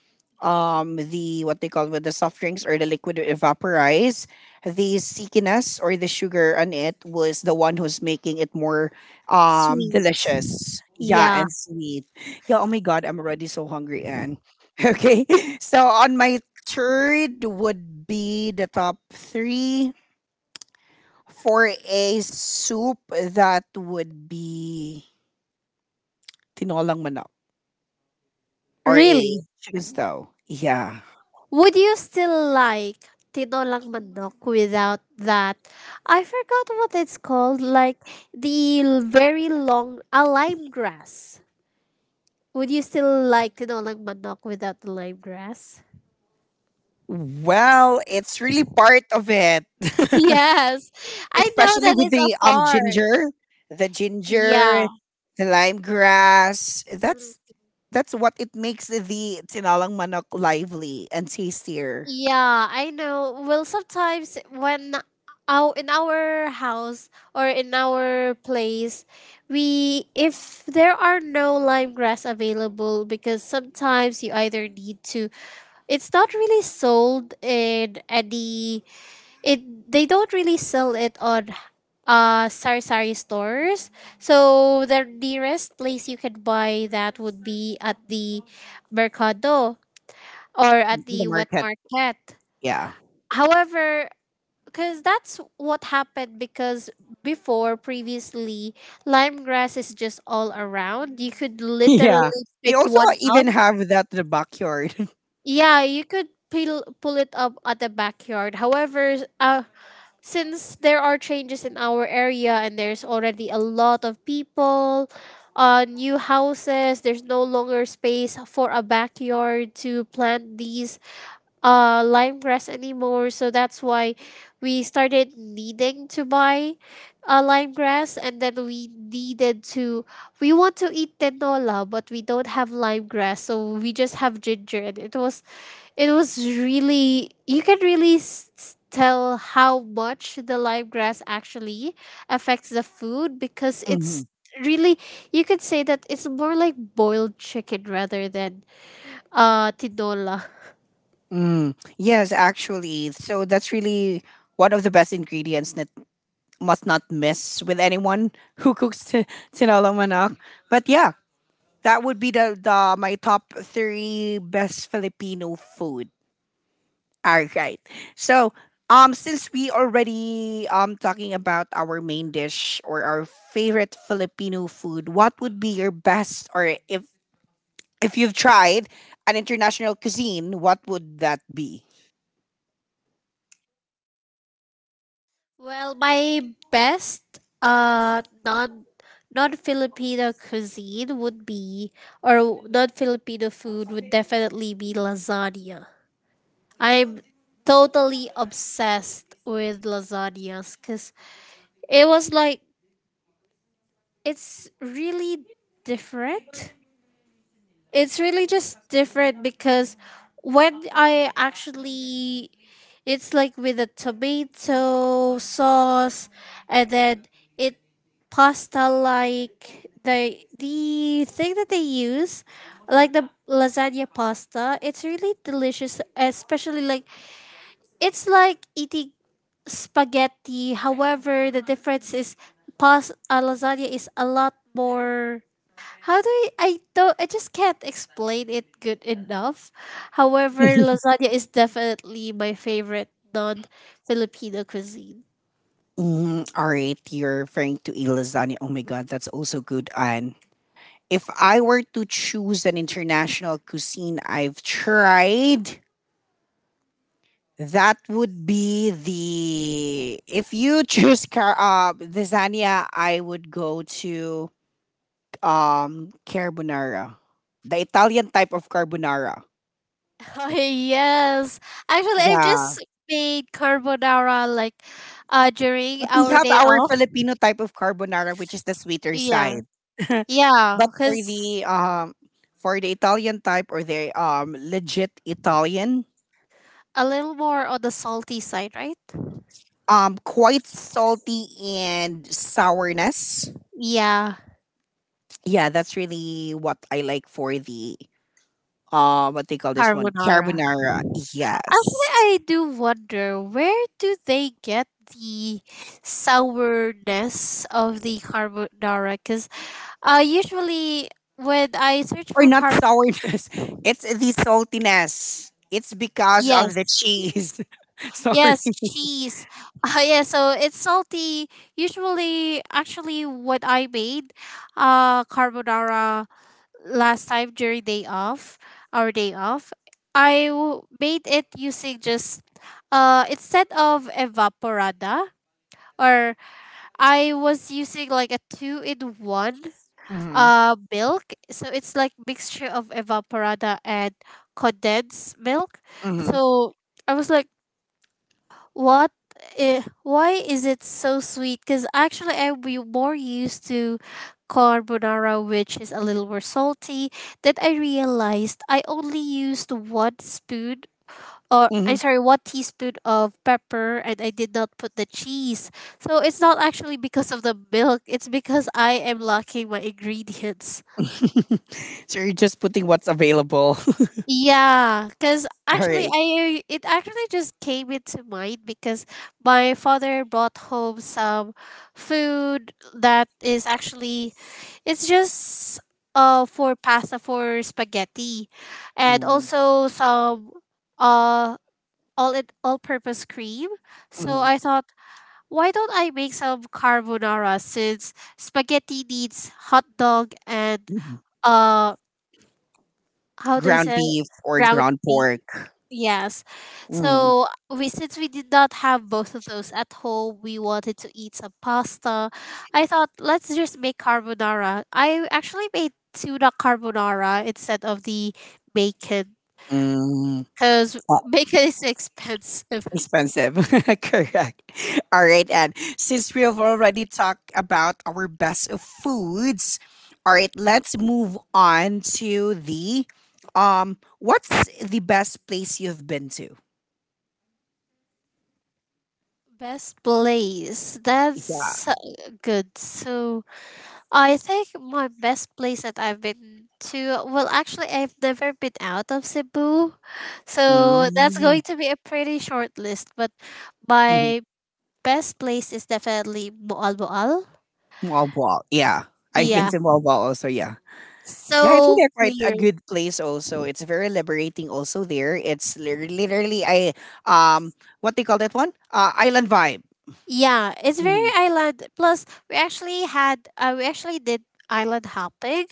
the what they call with the soft drinks or the liquid evaporize, the stickiness or the sugar on it was the one who's making it more sweet, delicious. Yeah, yeah and sweet. Yeah, oh my god, I'm already so hungry and okay. So on my third would be the top three for a soup that would be tinolang manok. Or a really. shoes though? Yeah. Would you still like tinolang manok without that, I forgot what it's called, like the very long a lime grass. Would you still like tinolang manok without the lime grass? Well, it's really part of it. Yes, I know Especially that with it's a the part. ginger. The Yeah, ginger, the lime grass. That's what it makes the tinalang manok lively and tastier yeah, I know. Well, sometimes when our in our house or in our place, we if there are no lime grass available, because sometimes you either need to. It's not really sold in any. It They don't really sell it on sari-sari stores. So the nearest place you can buy that would be at the mercado or at in the the wet market. market. Yeah. However, because that's what happened, because before, previously lime grass is just all around. You could Yeah. literally We pick also one up. even have that in the backyard. Yeah, you could peel, pull it up at the backyard. However, since there are changes in our area and there's already a lot of people, new houses, there's no longer space for a backyard to plant these lime grass anymore, so that's why we started needing to buy lime grass, and then we want to eat tenola but we don't have lime grass, so we just have ginger, and it was really, you can really tell how much the live grass actually affects the food, because it's Mhm. really, you could say that it's more like boiled chicken rather than tinola. Mm. Yes, actually. So that's really one of the best ingredients must not mess with anyone who cooks tinola manok. But yeah, that would be the my top three best Filipino food. All right. So since we already talking about our main dish or our favorite Filipino food, what would be your best or if you've tried an international cuisine, what would that be? Well, my best non Filipino cuisine would be, or non Filipino food would definitely be lasagna. I'm totally obsessed with lasagnas because it was like, it's really different. It's really just different because when I actually, it's like with a tomato sauce, and then it pasta, like the thing that they use, like the lasagna pasta, it's really delicious, especially like it's like eating spaghetti. However, the difference is pas lasagna is a lot more. How do I? I don't. I just can't explain it good enough. However, lasagna is definitely my favorite non-Filipino cuisine. Mm, all right, you're referring to a lasagna. Oh my god, that's also good, and if I were to choose an international cuisine I've tried, that would be the. If you choose lasagna, I would go to carbonara, the Italian type of carbonara. Oh, yes, actually, I've Yeah, just made carbonara like during but we our have day our off. Filipino type of carbonara, which is the sweeter Yeah, side. yeah, but for because the um for the Italian type or the legit Italian, a little more on the salty side, right? Quite salty and sourness. Yeah, Yeah, that's really what I like for the what they call this one carbonara. carbonara. Actually, Yes. I do wonder, where do they get the sourness of the carbonara? Because usually when I search Or for not carbon, sourness. It's the saltiness. It's because of the yes, cheese. Sorry. yes, cheese. Yeah, so it's salty. Usually, actually, what I made carbonara last time during day off, our day off, I made it using just instead of evaporada or I was using like a two in one Mm-hmm. Milk. So it's like mixture of evaporada and condensed milk. Mm-hmm. So I was like, what? Why is it so sweet? Because actually, I'm more used to carbonara, which is a little more salty. Then I realized I only used one spoon, or I'm sorry, one teaspoon of pepper, and I did not put the cheese. So it's not actually because of the milk, it's because I am lacking my ingredients. Mm-hmm. so you're just putting what's available. Yeah, because All actually right. I it actually just came into mind because my father brought home some food that is actually it's just for pasta for spaghetti and Mhm, also some uh all purpose cream. So mhm, I thought, why don't I make some carbonara since spaghetti needs hot dog and mhm. uh how do you Ground say it? beef or Ground ground beef? pork. Yes. Mm-hmm. So we since we did not have both of those at home, we wanted to eat some pasta. I thought, let's just make carbonara. I actually made tuna carbonara instead of the bacon because bacon is expensive. Expensive. Correct. All right, and since we have already talked about our best of foods, all right, let's move on to the what's the best place you've been to? Best place. That's Yeah. Good. So I think my best place that I've been to, well, actually, I've never been out of Cebu. So that's mm going to be a pretty short list. But mhm. my best place is definitely Boal-Boal. Malbal. Yeah. I've been Yeah. to mall Malbal also, yeah. Yeah, I think So that's quite a clear. good place also. It's very liberating also there. It's literally I um what they call that one? Island vibe. Yeah, it's very Mhm. island. Plus, we actually had, we actually did island hopping.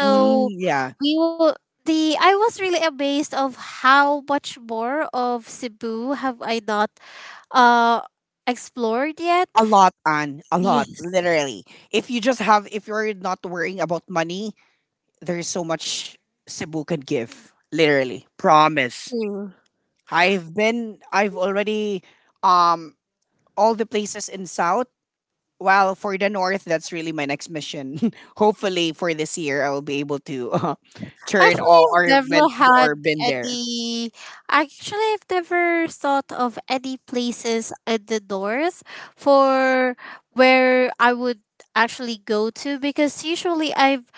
Mm, yeah. we will. The I was really amazed of how much more of Cebu have I not uh explored yet. A lot on a lot Yes. literally if you just have if you're not worrying about money there's so much cebu can give literally promise. Hmm. I've already um all the places in south. Well, for the north, that's really my next mission. Hopefully for this year I'll be able to turn Actually, all I've never had or been there. any. Actually, I've never thought of any places in the north for where I would actually go to, because usually I've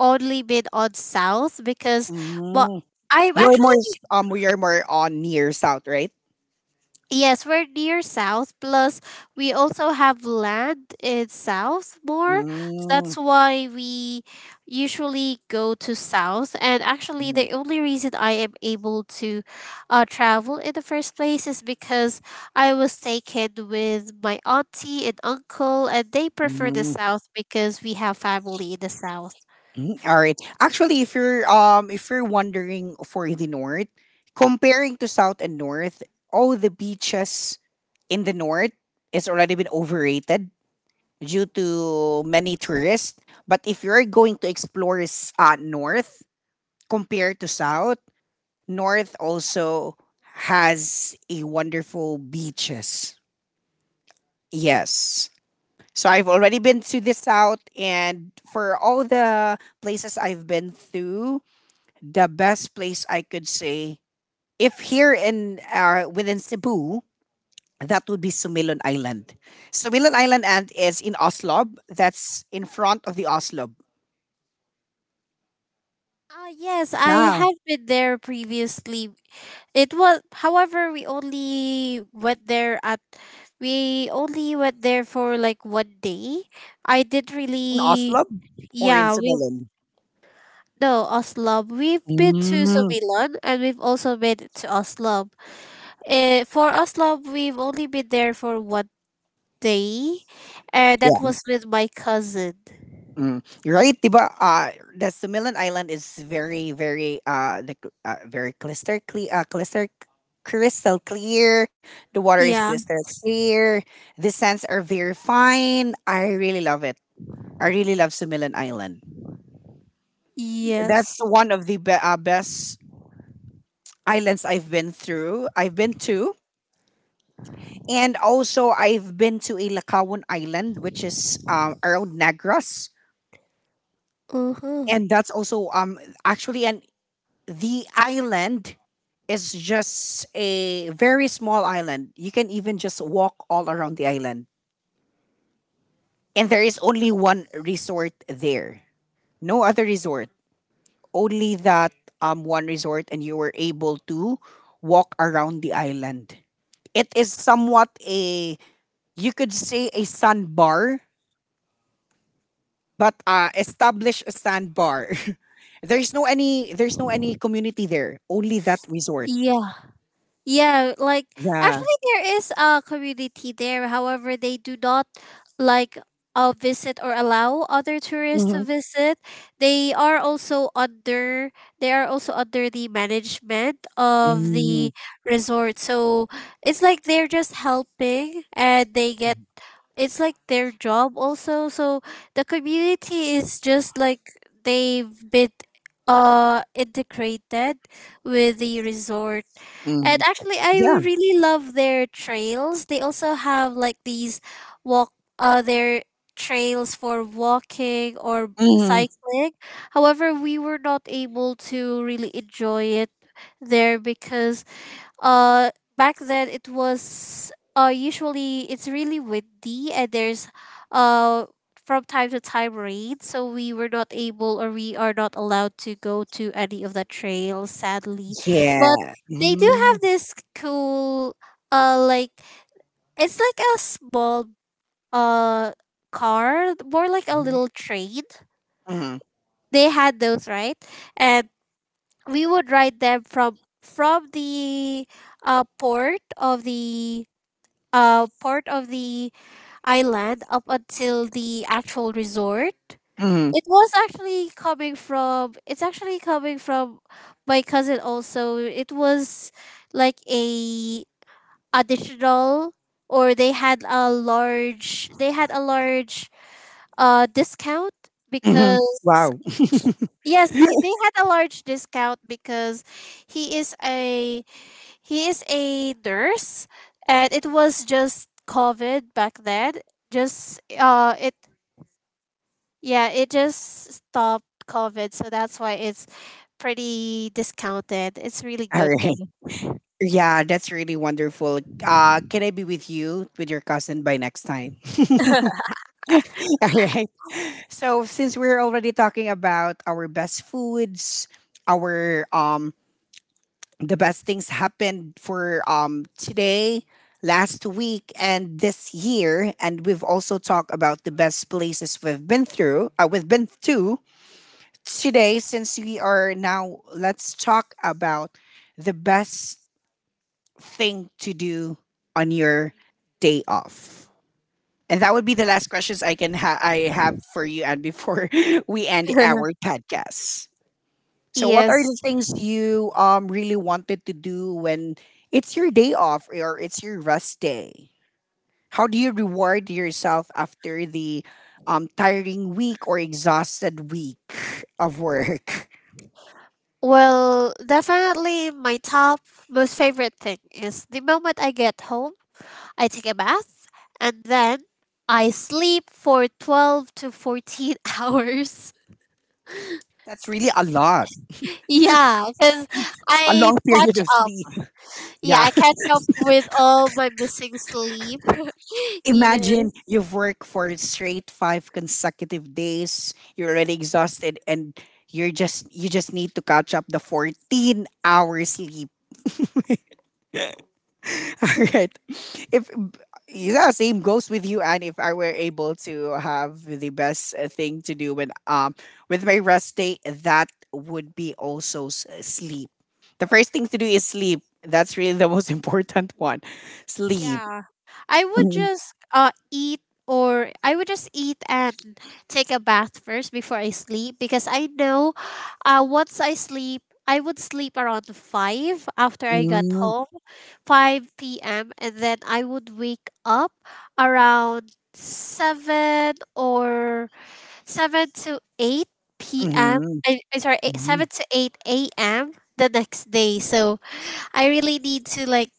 only been on south because, but Mm. I'm you're actually, more s- um you're more on near south, right? yes, we're near south. Plus, we also have land in south more. So Mm. that's why we usually go to south. And actually, the only reason I am able to travel in the first place is because I was taken with my auntie and uncle, and they prefer the Mm. south because we have family in the south. Mm, all right. Actually, if you're if you're wondering for the north, comparing to south and north, all the beaches in the north is already been overrated due to many tourists. But if you're going to explore north compared to south, north also has a wonderful beaches. Yes. So I've already been to the south, and for all the places I've been through, the best place I could say, if here in within Cebu, that would be Sumilon Island. Sumilon Island and is in Oslob. That's in front of the Oslob. Ah yes, I Yeah, have been there previously. It was, however, we only went there for like one day. I didn't in really, Oslob or in yeah. We Sumilon. No, Oslo. We've been to Mm, Sumilan and we've also been to Oslo. For Oslo, we've only been there for one day, and yeah, that was with my cousin. mm. Right, diba? The Sumilon Island is very, very, very crystal clear. The water is Yeah. crystal clear. The sands are very fine. I really love it. I really love Sumilan Island. That's Yes. one of the best islands I've been through. I've been to, and also I've been to a Ilocauan Island, which is around Negros, Uh huh. and that's also actually and the island is just a very small island. You can even just walk all around the island, and there is only one resort there. No other resort. Only that one resort, and you were able to walk around the island. It is somewhat a, you could say, a sandbar, but establish a sandbar. There's no any community there. Only that resort. Yeah. Yeah, like Yeah. actually there is a community there. However, they do not like visit or allow other tourists to Mm-hmm. visit. They are also under they are also under the management of Mm. the resort. So it's like they're just helping and they get it's like their job also. So the community is just like they've been integrated with the resort. And Mm. actually, I Yeah. really love their trails. They also have like these walk, their trails for walking or Hmm. cycling. However, we were not able to really enjoy it there because uh back then it was usually it's really windy and there's uh from time to time rain, so we were not able, or we are not allowed to go to any of the trails sadly. But Yeah. they do Mm-hmm. have this cool like it's like a small uh car, more like a Mm-hmm. little train, Mm-hmm. they had those right? And we would ride them from the port of the part of the island up until the actual resort. Mm-hmm. It was actually coming from. It's actually coming from my cousin. Also, it was like a additional, or they had a large. They had a large discount Mm-hmm. because Wow. sh- yes, they had a large discount because he is a he is a nurse, and it was just COVID back then. Just it yeah, it just stopped COVID, so that's why it's pretty discounted. It's really All good right. though. Yeah, that's really wonderful. Can I be with you with your cousin by next time? All right. So since we're already talking about our best foods, our the best things happened for today, last week, and this year, and we've also talked about the best places we've been through. We've been to today. Since we are now, let's talk about the best thing to do on your day off? And that would be the last questions I I have for you, and before we end our podcast. So, what are the Yes. things you really wanted to do when it's your day off or it's your rest day? How do you reward yourself after the tiring week or exhausted week of work? Well, definitely my top most favorite thing is the moment I get home, I take a bath and then I sleep for 12 to 14 hours. That's really a lot, Yeah, because a I long period catch of up. sleep. Yeah, Yeah. I catch up with all my missing sleep. Imagine Yes. you've worked for straight 5 consecutive days. You're already exhausted, and you just need to catch up the 14 hours sleep. All right. If yeah, same goes with you. And if I were able to have the best thing to do when with my rest day, that would be also sleep. The first thing to do is sleep. That's really the most important one. Sleep. Yeah. I would Mm-hmm. just eat and take a bath first before I sleep because I know once I sleep I would sleep around 5 p.m. after I got Mm-hmm. home, 5 p.m., and then I would wake up around 7 or 7 to 8 p.m. Mm-hmm. I, am sorry, eight- Mm-hmm. 7 to 8 a.m. the next day. So I really need to like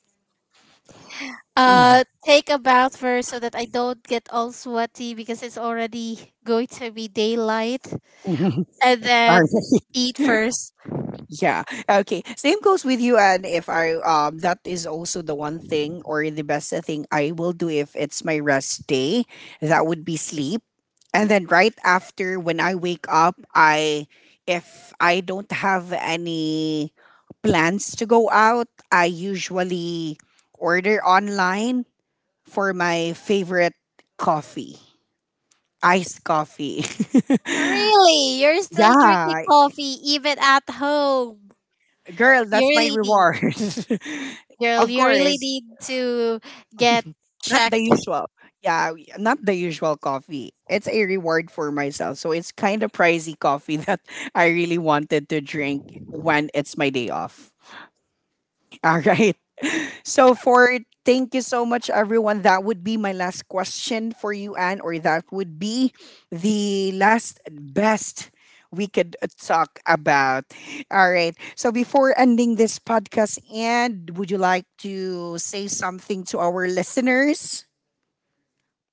take a bath first so that I don't get all sweaty because it's already going to be daylight, Mhm. and then Sorry. eat first. Yeah. Okay. Same goes with you. And if I, that is also the one thing or the best thing I will do if it's my rest day. That would be sleep. And then right after when I wake up, I, if I don't have any plans to go out, I usually order online for my favorite coffee, iced coffee. Really? You're still drinking Yeah, coffee even at home. girl, You that's my really need. reward. Girl, Of you really course, need to get not the checked. usual. Yeah, not the usual coffee. It's a reward for myself. So it's kind of pricey coffee that I really wanted to drink when it's my day off. All right. So for, thank you so much everyone. That would be my last question for you, Anne, or that would be the last best we could talk about. All right. So before ending this podcast, Anne, would you like to say something to our listeners?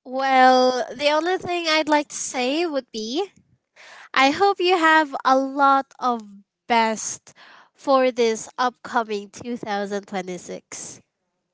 Well, the only thing I'd like to say would be I hope you have a lot of best for this upcoming 2026.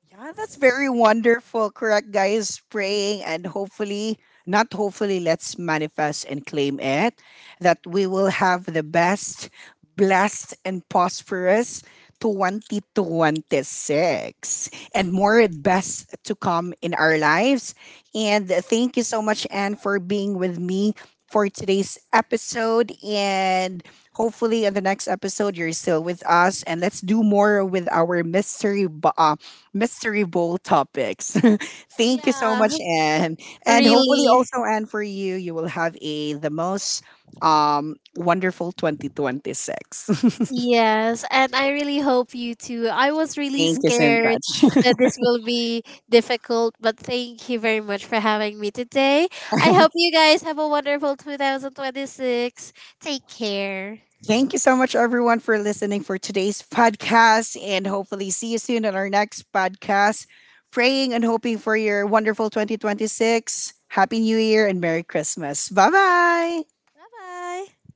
Yeah, that's very wonderful. Correct, guys. Praying and hopefully, not hopefully, let's manifest and claim it, that we will have the best, blessed, and prosperous 2026, and more best to come in our lives. And thank you so much, Anne, for being with me for today's episode. And hopefully, in the next episode, you're still with us. And let's do more with our mystery, mystery bowl topics. Thank you so Yeah, much, Anne. And hopefully, really. also, Anne, for you, you will have a the most wonderful 2026. Yes, and I really hope you too. I was really Thank you so scared much. that this will be difficult, but thank you very much for having me today. I hope you guys have a wonderful 2026. Take care. Thank you so much, everyone, for listening for today's podcast. And hopefully, see you soon on our next podcast. Praying and hoping for your wonderful 2026. Happy New Year and Merry Christmas. Bye bye. Bye bye.